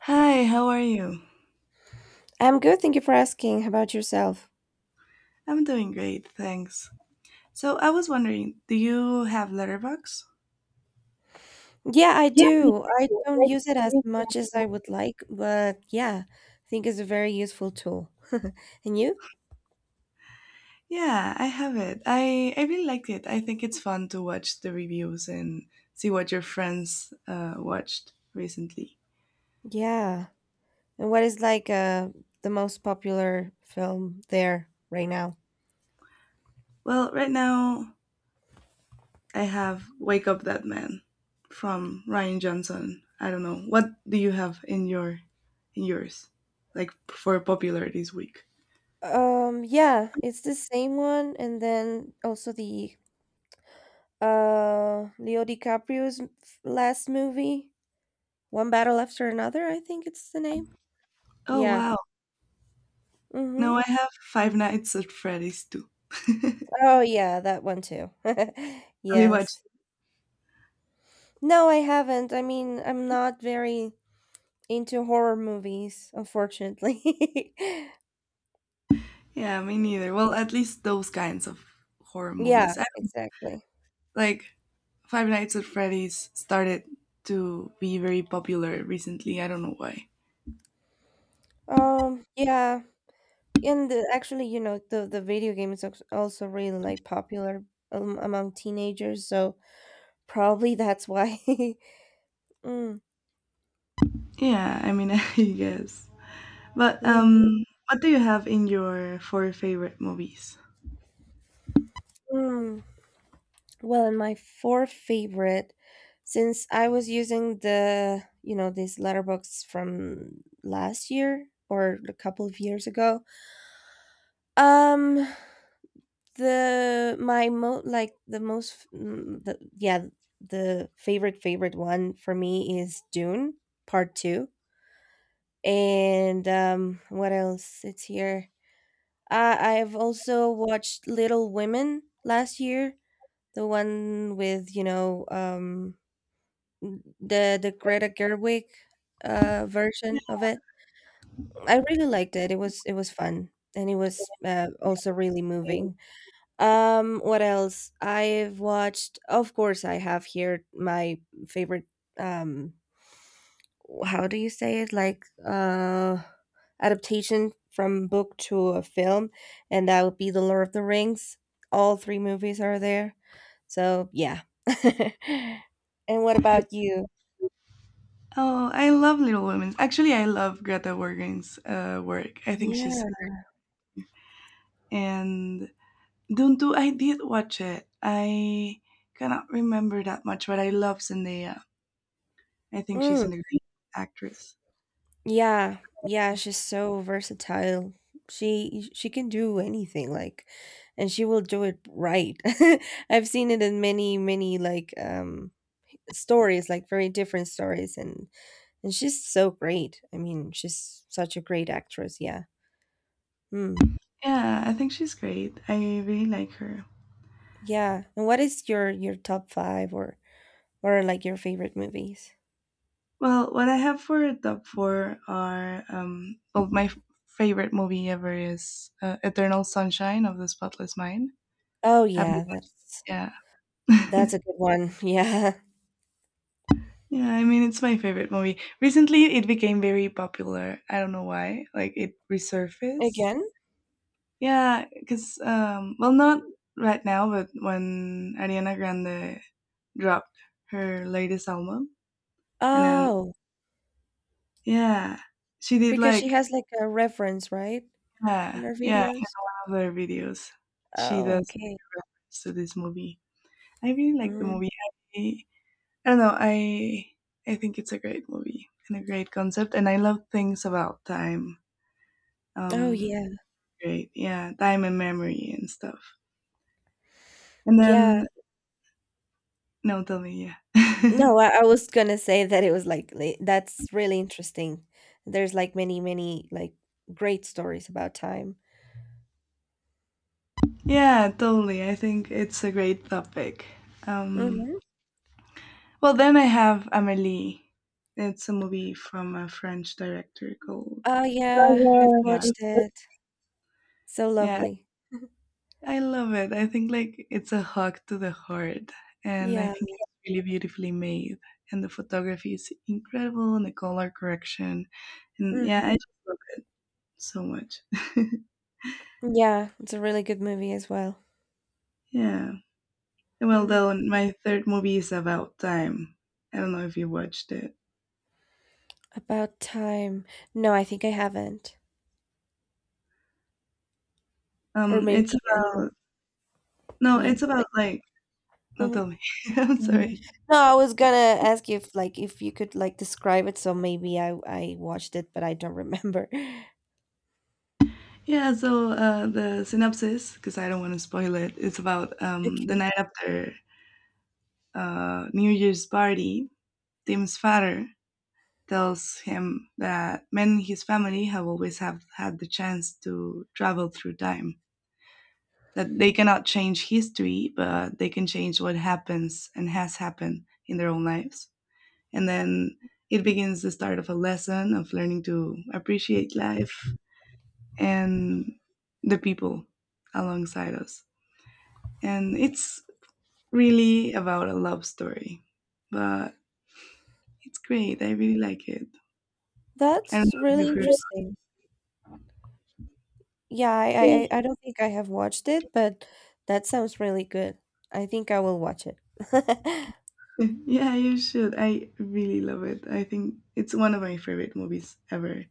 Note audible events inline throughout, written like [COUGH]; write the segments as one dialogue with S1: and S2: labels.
S1: Hi, how are you?
S2: I'm good, thank you for asking. How about yourself?
S1: I'm doing great, thanks. So I was wondering, do you have Letterbox?
S2: Yeah, I
S1: Yeah, I
S2: do. I
S1: do.
S2: don't
S1: Like,
S2: use it as
S1: you-
S2: much as I would like, but yeah, I think it's a very useful tool. [LAUGHS] And you?
S1: yeah, I have it. I really liked it. I think it's fun to watch the reviews and see what your friends watched recently.
S2: Yeah. And what is like the most popular film there right now?
S1: Well, right now I have Wake Up That Man from Ryan Johnson. I don't know. What do you have in yours? Like for popular this week.
S2: Yeah, it's the same one, and then also the Leo DiCaprio's last movie, One Battle After Another, I think it's the name.
S1: Oh
S2: Yeah.
S1: wow.
S2: Mm-hmm.
S1: No, I have Five Nights at Freddy's too.
S2: Oh, yeah, that one too. [LAUGHS]
S1: Have you watched?
S2: Yes. No, I haven't. I mean, I'm not very into horror movies, unfortunately. [LAUGHS]
S1: Yeah, me neither. Well, at least those kinds of horror
S2: Yeah,
S1: movies. I,
S2: exactly.
S1: like Five Nights at Freddy's started to be very popular recently. I don't know why.
S2: Yeah, and the, actually, you know, the video game is also really like popular among teenagers, so probably that's why. [LAUGHS] Mm,
S1: Yeah, I mean, [LAUGHS] I guess. But
S2: mhm,
S1: um, what do you have in your four favorite movies?
S2: mm. Well, and my fourth favorite, since I was using this letterbox from last year or a couple of years ago. Um, the my mo like the most, mm, the, yeah, the favorite favorite one for me is Dune Part Two, and what else? It's here. I've also watched Little Women last year, the one with the Greta Gerwig version of it. I really liked it, it was fun, and it was, also really moving. What else? I've watched, of course. I have here my favorite, um how do you say it? Adaptation from book to a film, and that would be The Lord of the Rings. All 3 movies are there. So, yeah. [LAUGHS] And what about you?
S1: Oh, I love Little Women. Actually, I love Greta Gerwig's work. I think she's.
S2: Yeah.
S1: And Dundu, I did watch it. I cannot remember that much, but I love Zendaya. I think she's
S2: Mm.
S1: an great actress.
S2: Yeah, yeah, she's so versatile. She can do anything, like, and she will do it right. [LAUGHS] I've seen it in many like stories, like very different stories, and she's so great. I mean, she's such a great actress, yeah. Hmm.
S1: Yeah, I think she's great. I really like her.
S2: Yeah. And what is your top 5 or like your favorite movies?
S1: Well, what I have for a top four are well, my favorite movie ever is Eternal Sunshine of the Spotless Mind.
S2: Oh
S1: Have you?
S2: yeah,
S1: Yeah, [LAUGHS]
S2: that's a good one. [LAUGHS] Yeah.
S1: yeah. I mean, it's my favorite movie. Recently, it became very popular. I don't know why. Like, it resurfaced.
S2: Again?
S1: Yeah, because well, not right now, but when Ariana Grande dropped her latest album, and then
S2: Oh,
S1: yeah, she did
S2: because she
S1: like
S2: has like a reference, right? On
S1: yeah,
S2: their
S1: yeah,
S2: videos?
S1: other videos. She
S2: Oh,
S1: does
S2: okay.
S1: reference to this movie. I really like the
S2: Mm.
S1: movie. I, I don't know. I think it's a great movie and a great concept, and I love things about time.
S2: Oh,
S1: Um,
S2: yeah.
S1: great, yeah, time and memory and stuff. And
S2: Yeah.
S1: then no, tell me, yeah.
S2: No,
S1: [LAUGHS]
S2: I was gonna say that it was like that's really interesting. There's like many like great stories about time.
S1: Yeah, totally. I think it's a great topic. Um,
S2: Mm-hmm.
S1: well, then I have Amélie. It's a movie from a French director called.
S2: Oh, yeah. I've
S1: Oh, yeah,
S2: watched it. So
S1: yeah, yeah.
S2: lovely.
S1: I love it. I think like it's a hug to the heart, and I
S2: Yeah.
S1: think it's really beautifully made. And the photography is incredible, and the color correction, and yeah,
S2: Mm-hmm.
S1: I just love it so much. [LAUGHS]
S2: Yeah, it's a really good movie as well.
S1: yeah. Well,
S2: Mm.
S1: then my third movie is about time. I don't know if you watched it.
S2: About time. No, I think I haven't. Or
S1: Um,
S2: maybe
S1: it's
S2: I don't know.
S1: about. No,
S2: Can you
S1: it's about like no,
S2: like?
S1: tell me. [LAUGHS] I'm, mhm, sorry.
S2: No, I was gonna ask you if, like, if you could like describe it, so maybe I watched it, but I don't remember. [LAUGHS]
S1: Yeah, so the synopsis, because I don't want to spoil it, it's about the
S2: Okay.
S1: night after New Year's party. Tim's father tells him that men in his family have always have had the chance to travel through time. That they cannot change history, but they can change what happens and has happened in their own lives. And then it begins the start of a lesson of learning to appreciate life and the people alongside us. And it's really about a love story, but it's great. I really like it. I don't know
S2: That's
S1: if
S2: really
S1: you've heard of
S2: interesting. Yeah, I
S1: it.
S2: don't think I have watched it, but that sounds really good. I think I will watch it. [LAUGHS]
S1: [LAUGHS] yeah, you should. I really love it. I think it's one of my favorite movies ever.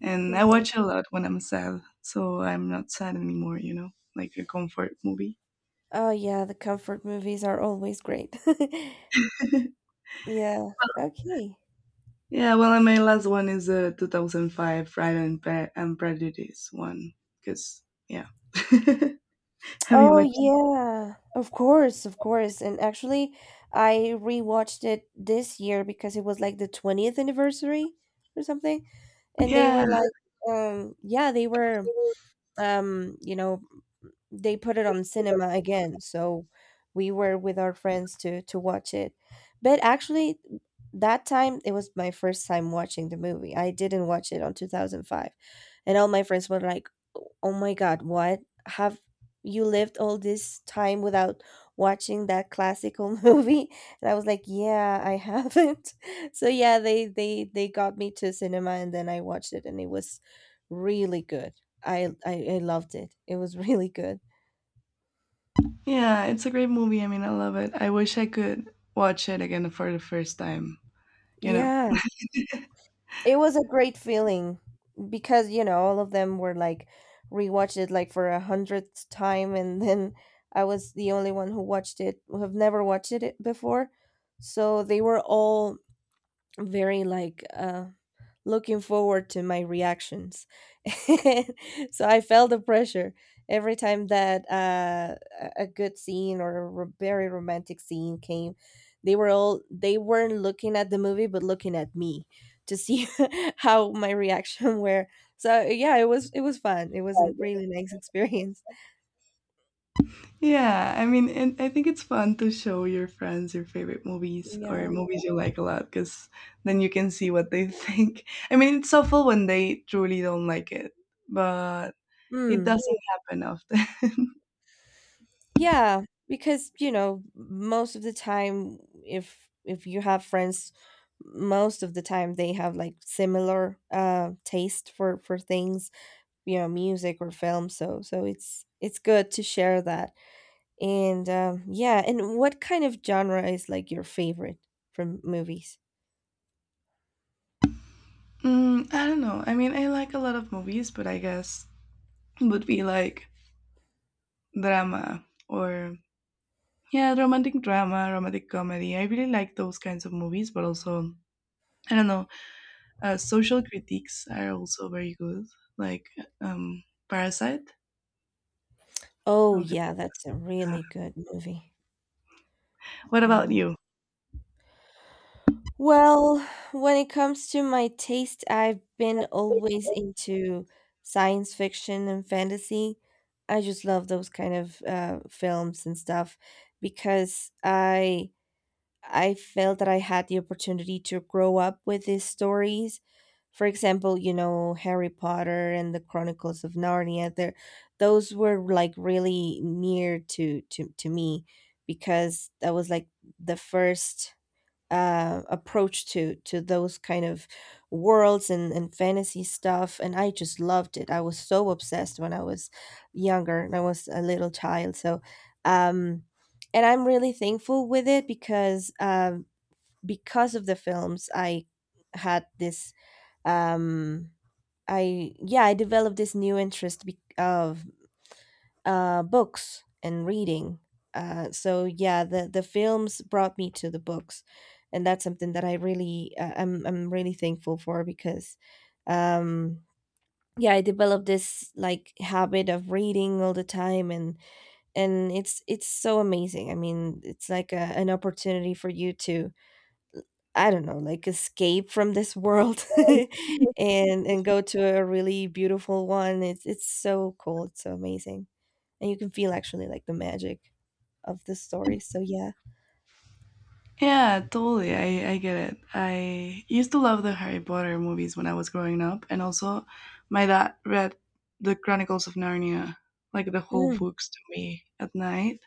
S1: And I
S2: Hmm.
S1: watch it a lot when I'm sad, so I'm not sad anymore, you know, like a comfort movie.
S2: Oh yeah, the comfort movies are always great. [LAUGHS]
S1: [LAUGHS]
S2: Yeah. Okay.
S1: yeah, well, and my last one is the 2005 Pride and Prejudice one, because, yeah. [LAUGHS] Have you
S2: Oh
S1: watched?
S2: yeah, of course, of course. And actually, I rewatched it this year because it was like the 20th anniversary or something. And they
S1: Yeah,
S2: were like, yeah, they were, um, you know, they put it on cinema again, so we were with our friends to watch it, but actually that time it was my first time watching the movie. I didn't watch it on 2005, and all my friends were like, oh my god, what, have you lived all this time without watching that classical [LAUGHS] movie? And I was like, yeah, I haven't. [LAUGHS] So yeah, they got me to cinema, and then I watched it, and it was really good. I loved it. It was [LAUGHS] really good.
S1: yeah, it's a great movie. I mean, I love it. I wish I could watch it again for the first time, you know?
S2: Yeah, it was a great feeling because, you know, all of them were like rewatched it like for a 100th time, and then I was the only one who watched it, who have never watched it before. So they were all very looking forward to my reactions. [LAUGHS] So I felt the pressure every time that a good scene or a very romantic scene came, they were all, they weren't looking at the movie but looking at me to see [LAUGHS] how my reaction [LAUGHS] were. So yeah, it was fun, it was a really nice experience.
S1: Yeah, I mean, and I think it's fun to show your friends your favorite movies or
S2: Yeah.
S1: movies you like a lot because then you can see what they think. [LAUGHS] I mean, it's awful when they truly don't like it, but it
S2: Hmm.
S1: doesn't happen often. [LAUGHS]
S2: Yeah, because, you know, most of the time, if you have friends, most of the time they have, like, similar, taste for things, you know, music or film, so it's good to share that, and, yeah, and what kind of genre is, like, your favorite from movies?
S1: Mm, I don't know. I mean, I like a lot of movies, but I guess it would be like drama or yeah, romantic drama, romantic comedy. I really like those kinds of movies, but also I don't know. Social critiques are also very good, like um, Parasite.
S2: Oh,
S1: Something
S2: yeah, that's a
S1: like that.
S2: really good movie.
S1: What about
S2: Yeah.
S1: you?
S2: Well, when it comes to my taste, I've been always into science fiction and fantasy. I just love those kind of films and stuff because I felt that I had the opportunity to grow up with these stories. For example, you know, Harry Potter and the Chronicles of Narnia, there those were like really near to to me because that was like the first approach to those kind of worlds and fantasy stuff, and I just loved it. I was so obsessed when I was younger, and I was a little child. So um and I'm really thankful with it because of the films, I had this um I yeah, I developed this new interest, of books and reading. So yeah, the films brought me to the books, and that's something that I really I'm really thankful for because, um, yeah, I developed this like habit of reading all the time, and it's so amazing. I mean, it's like a, an opportunity for you to, I don't know, like escape from this world, [LAUGHS] and go to a really beautiful one. It's so cool. It's so amazing, and you can feel actually like the magic of the story. So yeah.
S1: Yeah, totally. I get it. I used to love the Harry Potter movies when I was growing up, and also my dad read the Chronicles of Narnia, like the whole
S2: Mm.
S1: books to me at night.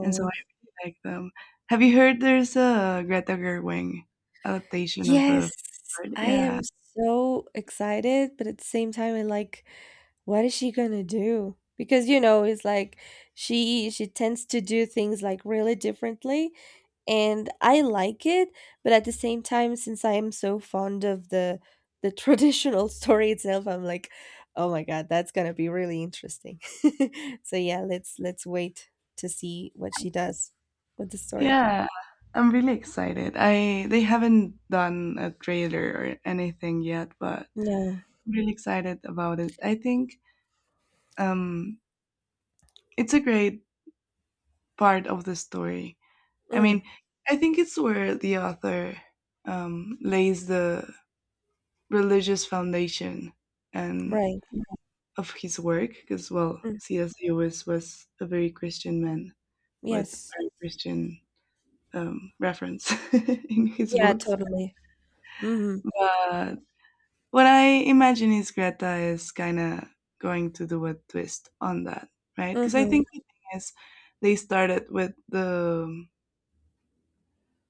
S1: And so I really like them. Have you heard there's a Greta Gerwig adaptation of
S2: yes.
S1: the bird?
S2: I
S1: Yeah.
S2: am so excited, but at the same time, I like, what is she gonna do? Because you know, it's like she tends to do things like really differently, and I like it, but at the same time, since I am so fond of the traditional [LAUGHS] story itself, I'm like, oh my god, that's gonna be really interesting. [LAUGHS] So yeah, let's wait to see what she does with the story.
S1: Yeah. I'm really excited. I they haven't done a trailer or anything yet, but
S2: No,
S1: I'm really excited about it. I think um it's a great part of the story. I mean,
S2: mm,
S1: I think it's where the author lays the religious foundation and
S2: right,
S1: of his work, because well,
S2: mm,
S1: C.S. Lewis was a very Christian man with
S2: yes,
S1: very Christian reference [LAUGHS] in his
S2: yeah,
S1: books.
S2: totally. Mm-hmm.
S1: But what I imagine is Greta is kind of going to do a twist on that, right? Because I
S2: Mm-hmm.
S1: think the thing is they started with the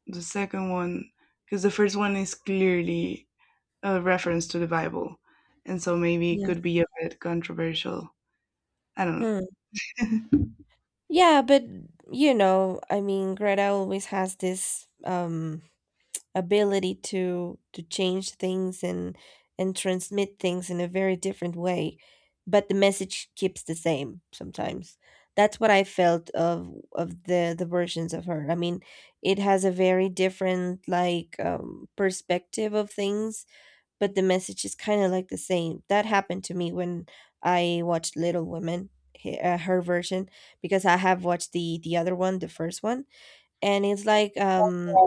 S1: second one because the first one is clearly a reference to the Bible, and so maybe it
S2: Yes.
S1: could be a bit controversial. I don't
S2: Mm.
S1: know. [LAUGHS]
S2: Yeah, but you know, I mean, Greta always has this ability to change things and transmit things in a very different way, but the message keeps the same sometimes. That's what I felt of the versions of her. I mean, it has a very different like perspective of things, but the message is kind of like the same. That happened to me when I watched Little Women, her version, because I have watched the other one, the first one, and it's like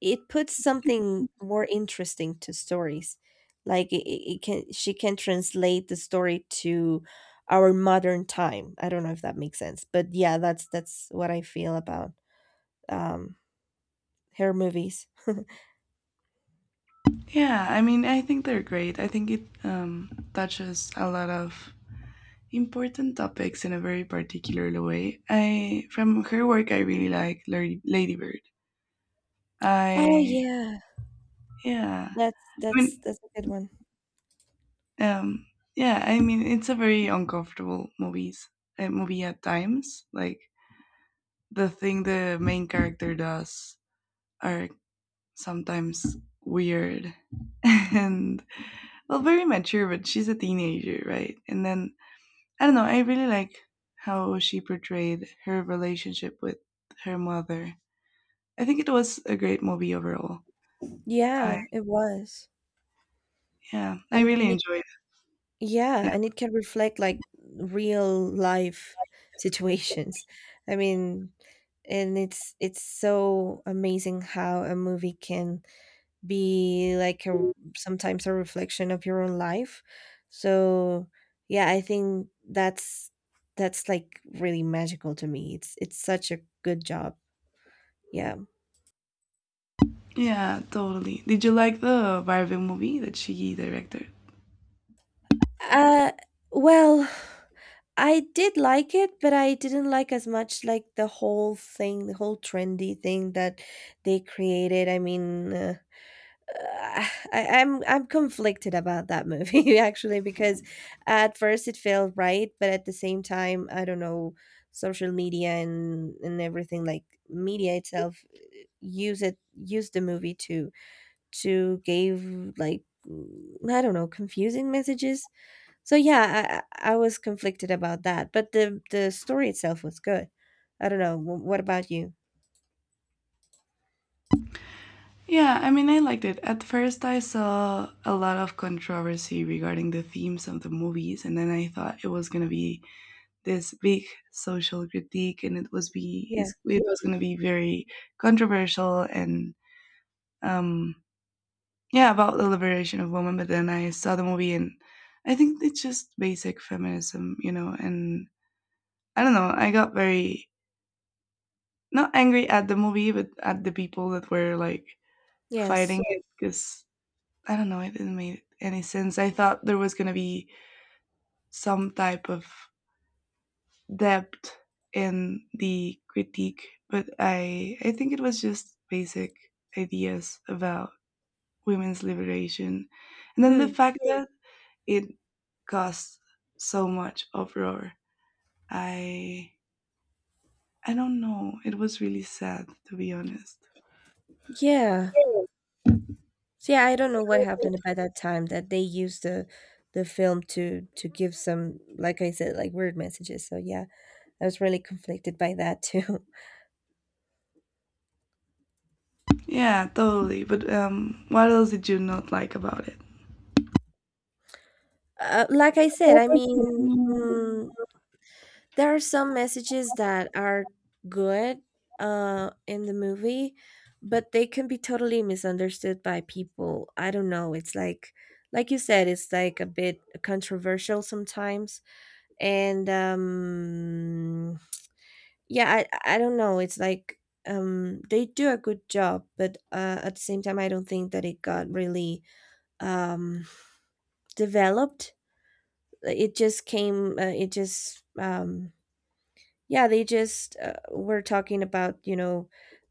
S2: it puts something more interesting to stories. Like it can, she can translate the story to our modern time. I don't know if that makes sense, but yeah, that's what I feel about um her movies.
S1: Yeah, I mean, I think they're great. I think it touches a lot of important topics in a very particular way. I from her work, I really like Lady Bird.
S2: Oh
S1: I
S2: yeah,
S1: yeah, I mean,
S2: that's a good one.
S1: um, yeah, I mean, it's a very uncomfortable movie at times. Like the thing the main character does are sometimes weird [LAUGHS] and well, very mature, but she's a teenager, right? And then I don't know. I really like how she portrayed her relationship with her mother. I think it was a great movie overall. I
S2: Yeah, it was.
S1: yeah, I
S2: I
S1: really
S2: mean,
S1: enjoyed it. Yeah,
S2: yeah, and it can reflect like real life [LAUGHS] situations. I mean, and it's so amazing how a movie can be like a, sometimes a reflection of your own life. So, yeah, I think that's like really magical to me. It's such a good job. Yeah.
S1: yeah, totally. Did you like the Barbie movie that she directed?
S2: Uh, well, I did like it, but I didn't like as much like the whole thing, the whole trendy thing that they created. I mean, I'm conflicted about that movie [LAUGHS] actually because at first it felt right, but at the same time, I don't know, social media and everything like media itself, use the movie to give, like I don't know, confusing messages. So yeah, I was conflicted about that, but the story itself was good. I don't know. What about you?
S1: Yeah, I mean, I liked it. At first, I saw a lot of controversy regarding the themes of the movies, and then I thought it was gonna be this big social critique, and it was
S2: Yeah.
S1: it was gonna be very controversial and um yeah, about the liberation of women. But then I saw the movie, and I think it's just basic feminism, you know. And I don't know, I got very not angry at the movie, but at the people that were like
S2: Yes.
S1: fighting it, because I don't know, it didn't make any sense. I thought there was going to be some type of depth in the critique, but I think it was just basic ideas about women's liberation, and then the
S2: Hmm.
S1: fact that it caused so much uproar. I I don't know. It was really sad, to be honest.
S2: Yeah. So yeah, I don't know what happened by that time that they used the film to give some, like I said, like weird messages. So yeah, I was really conflicted by that too. [LAUGHS]
S1: Yeah, totally. But what else did you not like about it?
S2: Like I said, I mean, mm, there are some messages that are good in the movie, but they can be totally misunderstood by people. I don't know, it's like you said, it's like a bit controversial sometimes. And yeah, I don't know, it's like, they do a good job, but at the same time, I don't think that it got really, um developed. It just came, it just, yeah, they just, were talking about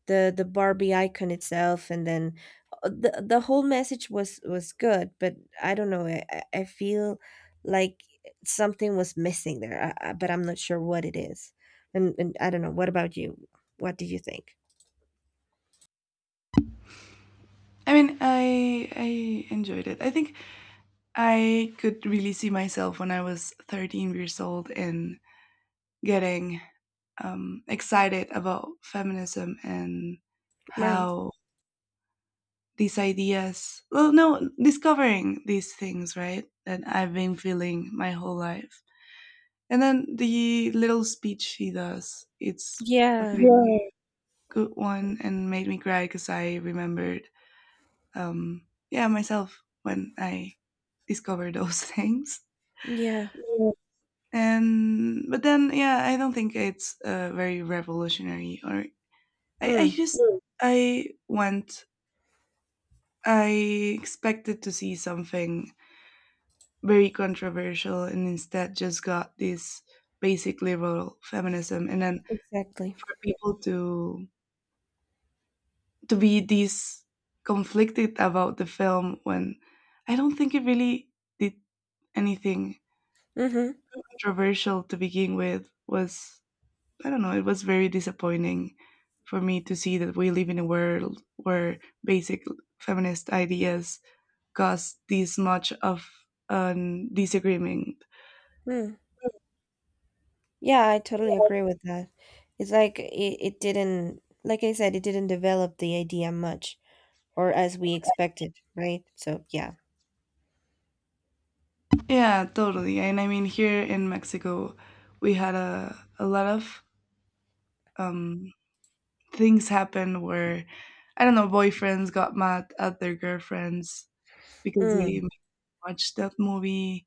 S2: the Barbie icon itself, and then, the whole message was good, but I don't know. I feel like something was missing there, but I'm not sure what it is. And I don't know. What about you? What do you think?
S1: I mean, I enjoyed it. I think I could really see myself when I was 13 years old and getting excited about feminism and
S2: Right.
S1: how these ideas, well, no, discovering these things, right, that I've been feeling my whole life. And then the little speech he does, it's a pretty,
S2: Yeah.
S1: yeah, good one, and made me cry because I remembered yeah, myself when I discovered [LAUGHS] those things,
S2: Yeah.
S1: yeah. And but then yeah, I don't think it's very revolutionary, or I
S2: Mm,
S1: just, I expected to see something very controversial, and instead just got this basic liberal feminism, and then
S2: exactly.
S1: for people to be this conflicted about the film when I don't think it really did anything
S2: Mm-hmm.
S1: controversial to begin with, was, I don't know, it was very disappointing for me to see that we live in a world where basic feminist ideas cause this much of a disagreement.
S2: Mm. Yeah, I totally agree with that. It's like it didn't, like I said, it didn't develop the idea much, or as we expected, right? So yeah.
S1: Yeah, totally. And I mean, here in Mexico, we had a lot of um, things happen where, I don't know, boyfriends got mad at their girlfriends because
S2: Mm,
S1: they watched that movie,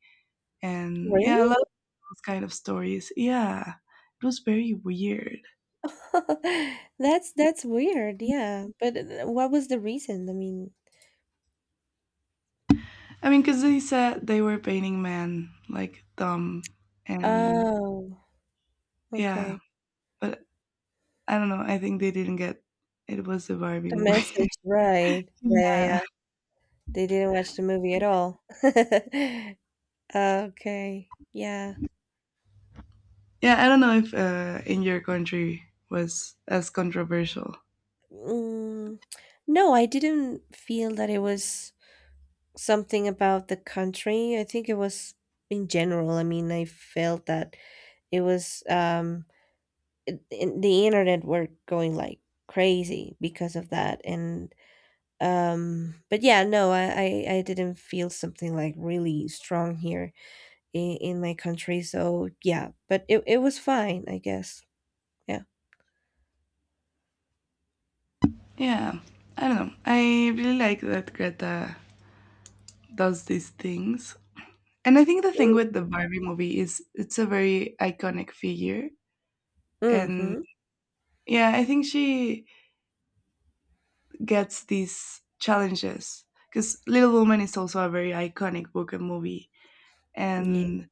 S1: and yeah, a lot
S2: really?
S1: of those kind of stories. Yeah, it was very weird.
S2: [LAUGHS] That's weird. Yeah. But what was the reason? I mean,
S1: I mean, because they said they were painting men like dumb, and
S2: oh,
S1: yeah,
S2: okay.
S1: but I don't know. I think they didn't get it was a Barbie
S2: The
S1: movie.
S2: message,
S1: [LAUGHS]
S2: right. Yeah, yeah,
S1: yeah.
S2: yeah. They didn't watch the movie at all. [LAUGHS] Okay. Yeah.
S1: Yeah, I don't know if in your country was as controversial.
S2: Mm, no, I didn't feel that it was something about the country. I think it was in general. I mean, I felt that it was in the internet were going like crazy because of that. And but yeah, no, I didn't feel something like really strong here in my country. So yeah, but it was fine, I guess. Yeah.
S1: Yeah, I don't know. I really like that Greta does these things. And I think the thing with the Barbie movie is it's a very iconic figure. And
S2: Mm-hmm.
S1: yeah, I think she gets these challenges because Little Woman is also a very iconic book and movie.
S2: Yeah.
S1: And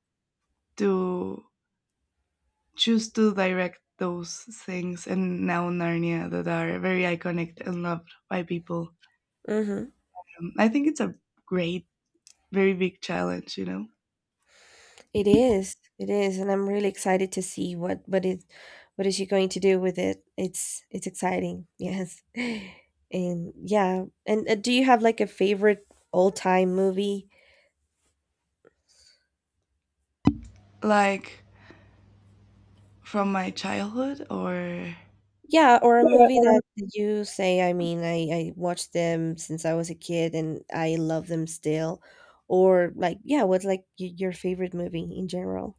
S1: to choose to direct those things, and now Narnia, that are very iconic and loved by people.
S2: Mm-hmm.
S1: I think it's a great, very big challenge, you know?
S2: It is, and I'm really excited to see what is she going to do with it. It's exciting. Yes. [LAUGHS] And yeah, and do you have like a favorite all-time movie?
S1: Like from my childhood, or.
S2: Yeah, or a
S1: Yeah.
S2: movie that you say, I mean, I watched them since I was a kid and I love them still. Or like, yeah, what's like your favorite movie in general?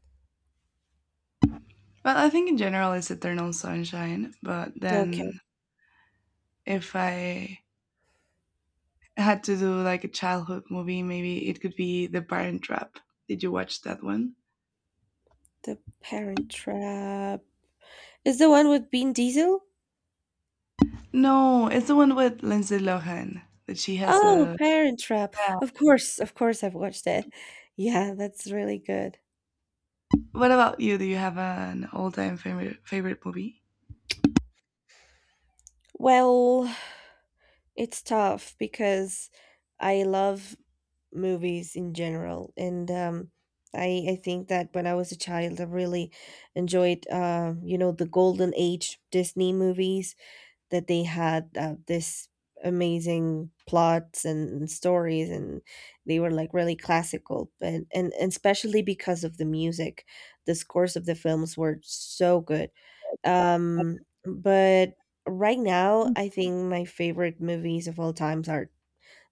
S1: Well, I think in general it's Eternal Sunshine, but
S2: Okay,
S1: then if I had to do like a childhood movie, maybe it could be The Parent Trap. Did you watch that one?
S2: The Parent Trap. Is the one with Bean Diesel?
S1: No, it's the one with Lindsay Lohan that she has
S2: Oh,
S1: a.
S2: Parent Trap.
S1: Yeah.
S2: Of course I've watched it. Yeah, that's really good.
S1: What about you? Do you have an all-time favorite movie?
S2: Well, it's tough because I love movies in general. And, I think that when I was a child, I really enjoyed, the golden age Disney movies, that they had, this amazing plots and stories, and they were like really classical, but and especially because of the music, the scores of the films were so good. um but right now, I think my favorite movies of all times are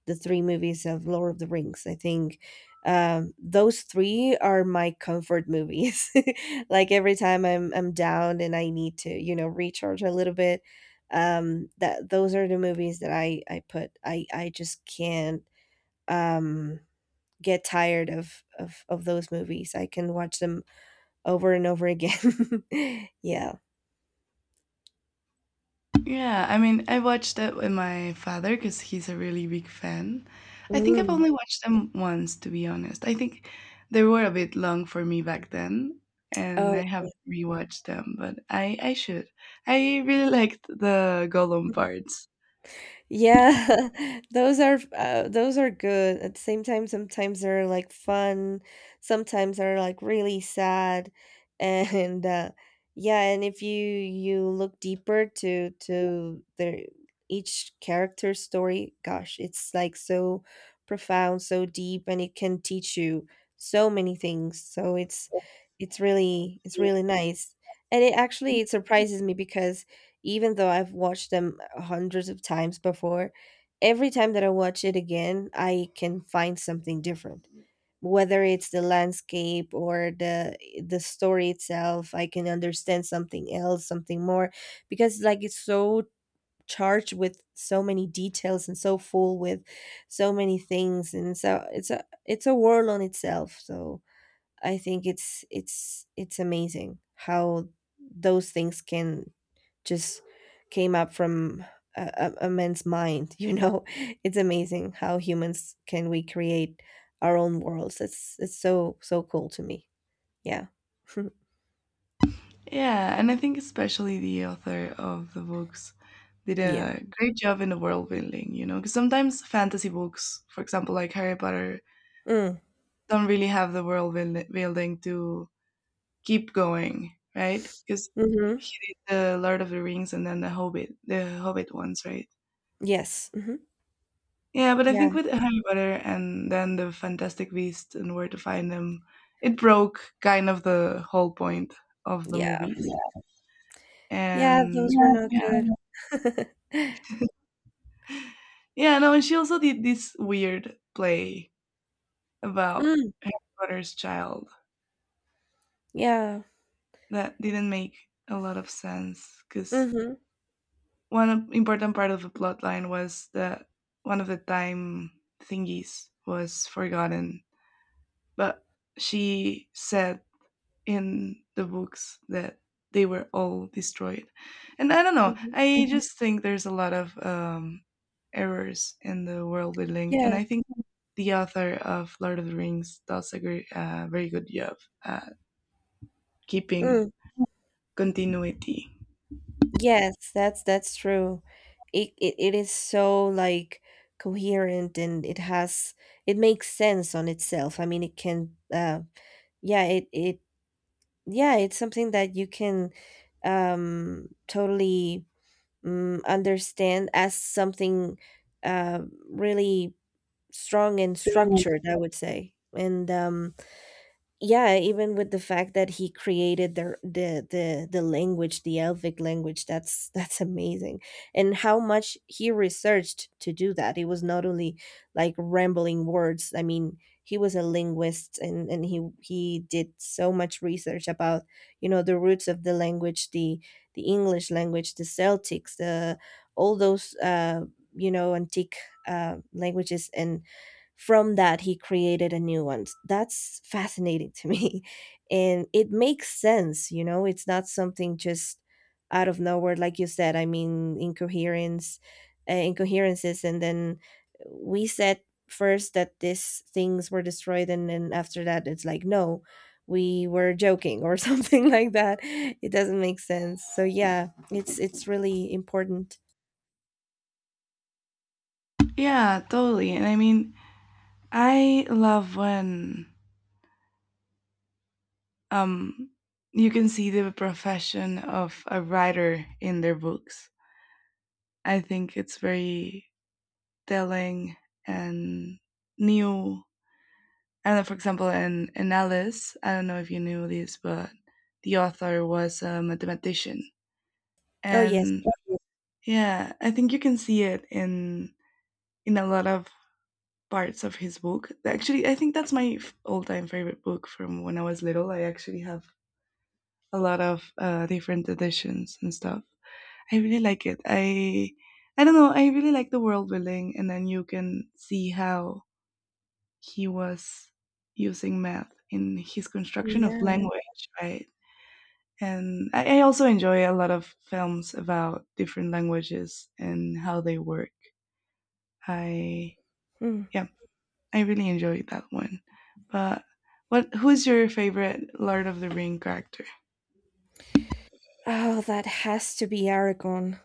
S2: the three movies of Lord of the Rings. I think, those three are my comfort movies. [LAUGHS] Like every time I'm down and I need to, you know, recharge a little bit. That, those are the movies that I put. I just can't, um get tired of those movies. I can watch them over and over again. [LAUGHS] Yeah.
S1: Yeah, I mean, I watched it with my father because he's a really big fan. I think I've
S2: Mm.
S1: only watched them once, to be honest. I think they were a bit long for me back then, and
S2: Oh.
S1: I haven't rewatched them, but I should. I really liked the Gollum parts.
S2: Yeah, [LAUGHS] those are, those are good. At the same time, sometimes they're like fun, sometimes they're like really sad, [LAUGHS] and, yeah, and if you look deeper to their each character's story, gosh, it's like so profound, so deep, and it can teach you so many things. So it's really, it's really nice. And it actually, it surprises me because even though I've watched them hundreds of times before, every time that I watch it again, I can find something different. Whether it's the landscape or the story itself, I can understand something else, something more, because like it's so charged with so many details and so full with so many things. And so it's a world on itself. So I think it's amazing how those things can just came up from a man's mind. [LAUGHS] You know, it's amazing how humans can we create our own worlds. It's so cool to me. Yeah,
S1: Yeah, and I think especially the author of the books did
S2: [LAUGHS] yeah.
S1: a great job in the world building, you know, because sometimes fantasy books, for example, like Harry Potter,
S2: Mm.
S1: don't really have the world building to keep going, right? Because
S2: Hmm.
S1: he did the Lord of the Rings, and then the Hobbit ones, right?
S2: Yes. Hmm.
S1: Yeah, but I think
S2: Yeah.
S1: with Harry Potter and then the Fantastic Beasts and Where to Find Them, it broke kind of the whole point of the
S2: Yeah.
S1: movies.
S2: Yeah.
S1: And
S2: Those were not
S1: yeah,
S2: good. [LAUGHS]
S1: yeah, no, and she also did this weird play about
S2: Mm.
S1: Harry Potter's child
S2: Yeah.
S1: that didn't make a lot of sense because
S2: Hmm.
S1: one important part of the plot line was that one of the time thingies was forgotten, but she said in the books that they were all destroyed. And I don't know,
S2: Hmm.
S1: I, just think there's a lot of errors in the world building, and
S2: Yeah.
S1: I think the author of Lord of the Rings does a great, very good job at keeping
S2: Mm.
S1: continuity.
S2: Yes, that's true. It is so like coherent, and it has, it makes sense on itself. I mean, it can, yeah, it yeah, it's something that you can, totally, understand as something, uh really strong and
S1: Right.
S2: structured, I would say. And yeah, even with the fact that he created the language, the elvic language. That's [LAUGHS] that's amazing, and how much he researched to do that. It was not only like rambling words. I mean, he was a linguist, and he did so much research about, you know, the roots of the language, the English language, the Celtics, the all those, you know, antique, languages. And from that, he created a new one. That's fascinating to me. [LAUGHS] And it makes sense. You know, it's not something just out of nowhere, like you said. I mean, incoherence, incoherences. And then we said first that these things were destroyed. And then after that, it's like, no, we were joking or [LAUGHS] something like that. It doesn't make sense. So yeah, it's really important.
S1: Yeah, totally. And I mean, I love when um, you can see the profession of a writer in their books. I think it's very telling and new. I don't know, for example, in Alice, I don't know if you knew this, but the author was a mathematician.
S2: Oh, yes.
S1: And yeah, I think you can see it in a lot of parts of his book. Actually, I think that's my all time favorite book from when I was little. I actually have a lot of different editions and stuff. I really like it. I don't know. I really like the world building, and then you can see how he was using math in his construction of
S2: Yeah.
S1: language, right? And I also enjoy a lot of films about different languages and how they work. I
S2: Mm.
S1: yeah, I really enjoyed that one. But what who's your favorite Lord of the Ring character?
S2: Oh, that has to be Aragon.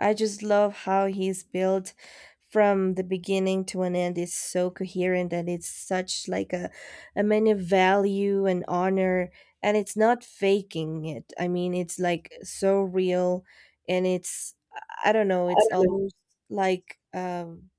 S2: I just love how he's built from the beginning to an end. It's so coherent, and it's such like a, man of value and honor. And it's not faking it. I mean, it's like so real. And it's, I don't know, it's almost like,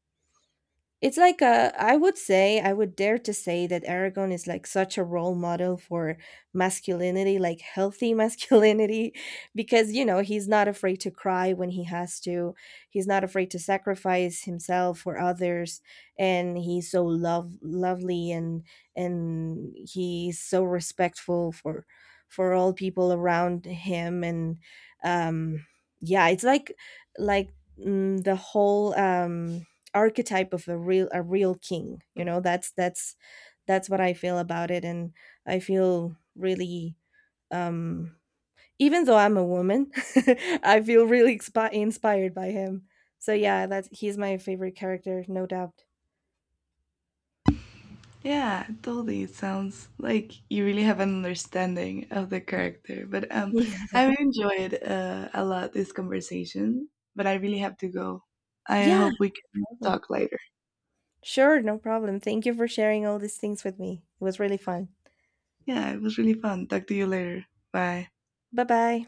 S2: it's like a, I would say, I would dare to say that Aragon is like such a role model for masculinity, like healthy masculinity, [LAUGHS] because, you know, he's not afraid to cry when he has to. He's not afraid to sacrifice himself for others. And he's so lovely, and he's so respectful for all people around him. And, um, yeah, it's like, like, the whole, archetype of a real king. You know, that's what I feel about it. And I feel really, um even though I'm a woman, [LAUGHS] I feel really inspired by him. So yeah, that's, he's my favorite character, no doubt.
S1: Yeah, totally. It sounds like you really have an understanding of the character. But
S2: [LAUGHS] Yeah.
S1: I really enjoyed a lot this conversation, but I really have to go. I
S2: Yeah,
S1: hope we can
S2: awesome.
S1: talk later.
S2: Sure, no problem. Thank you for sharing all these things with me. It was really fun.
S1: Yeah, it was really fun. Talk to you later. Bye.
S2: Bye, bye.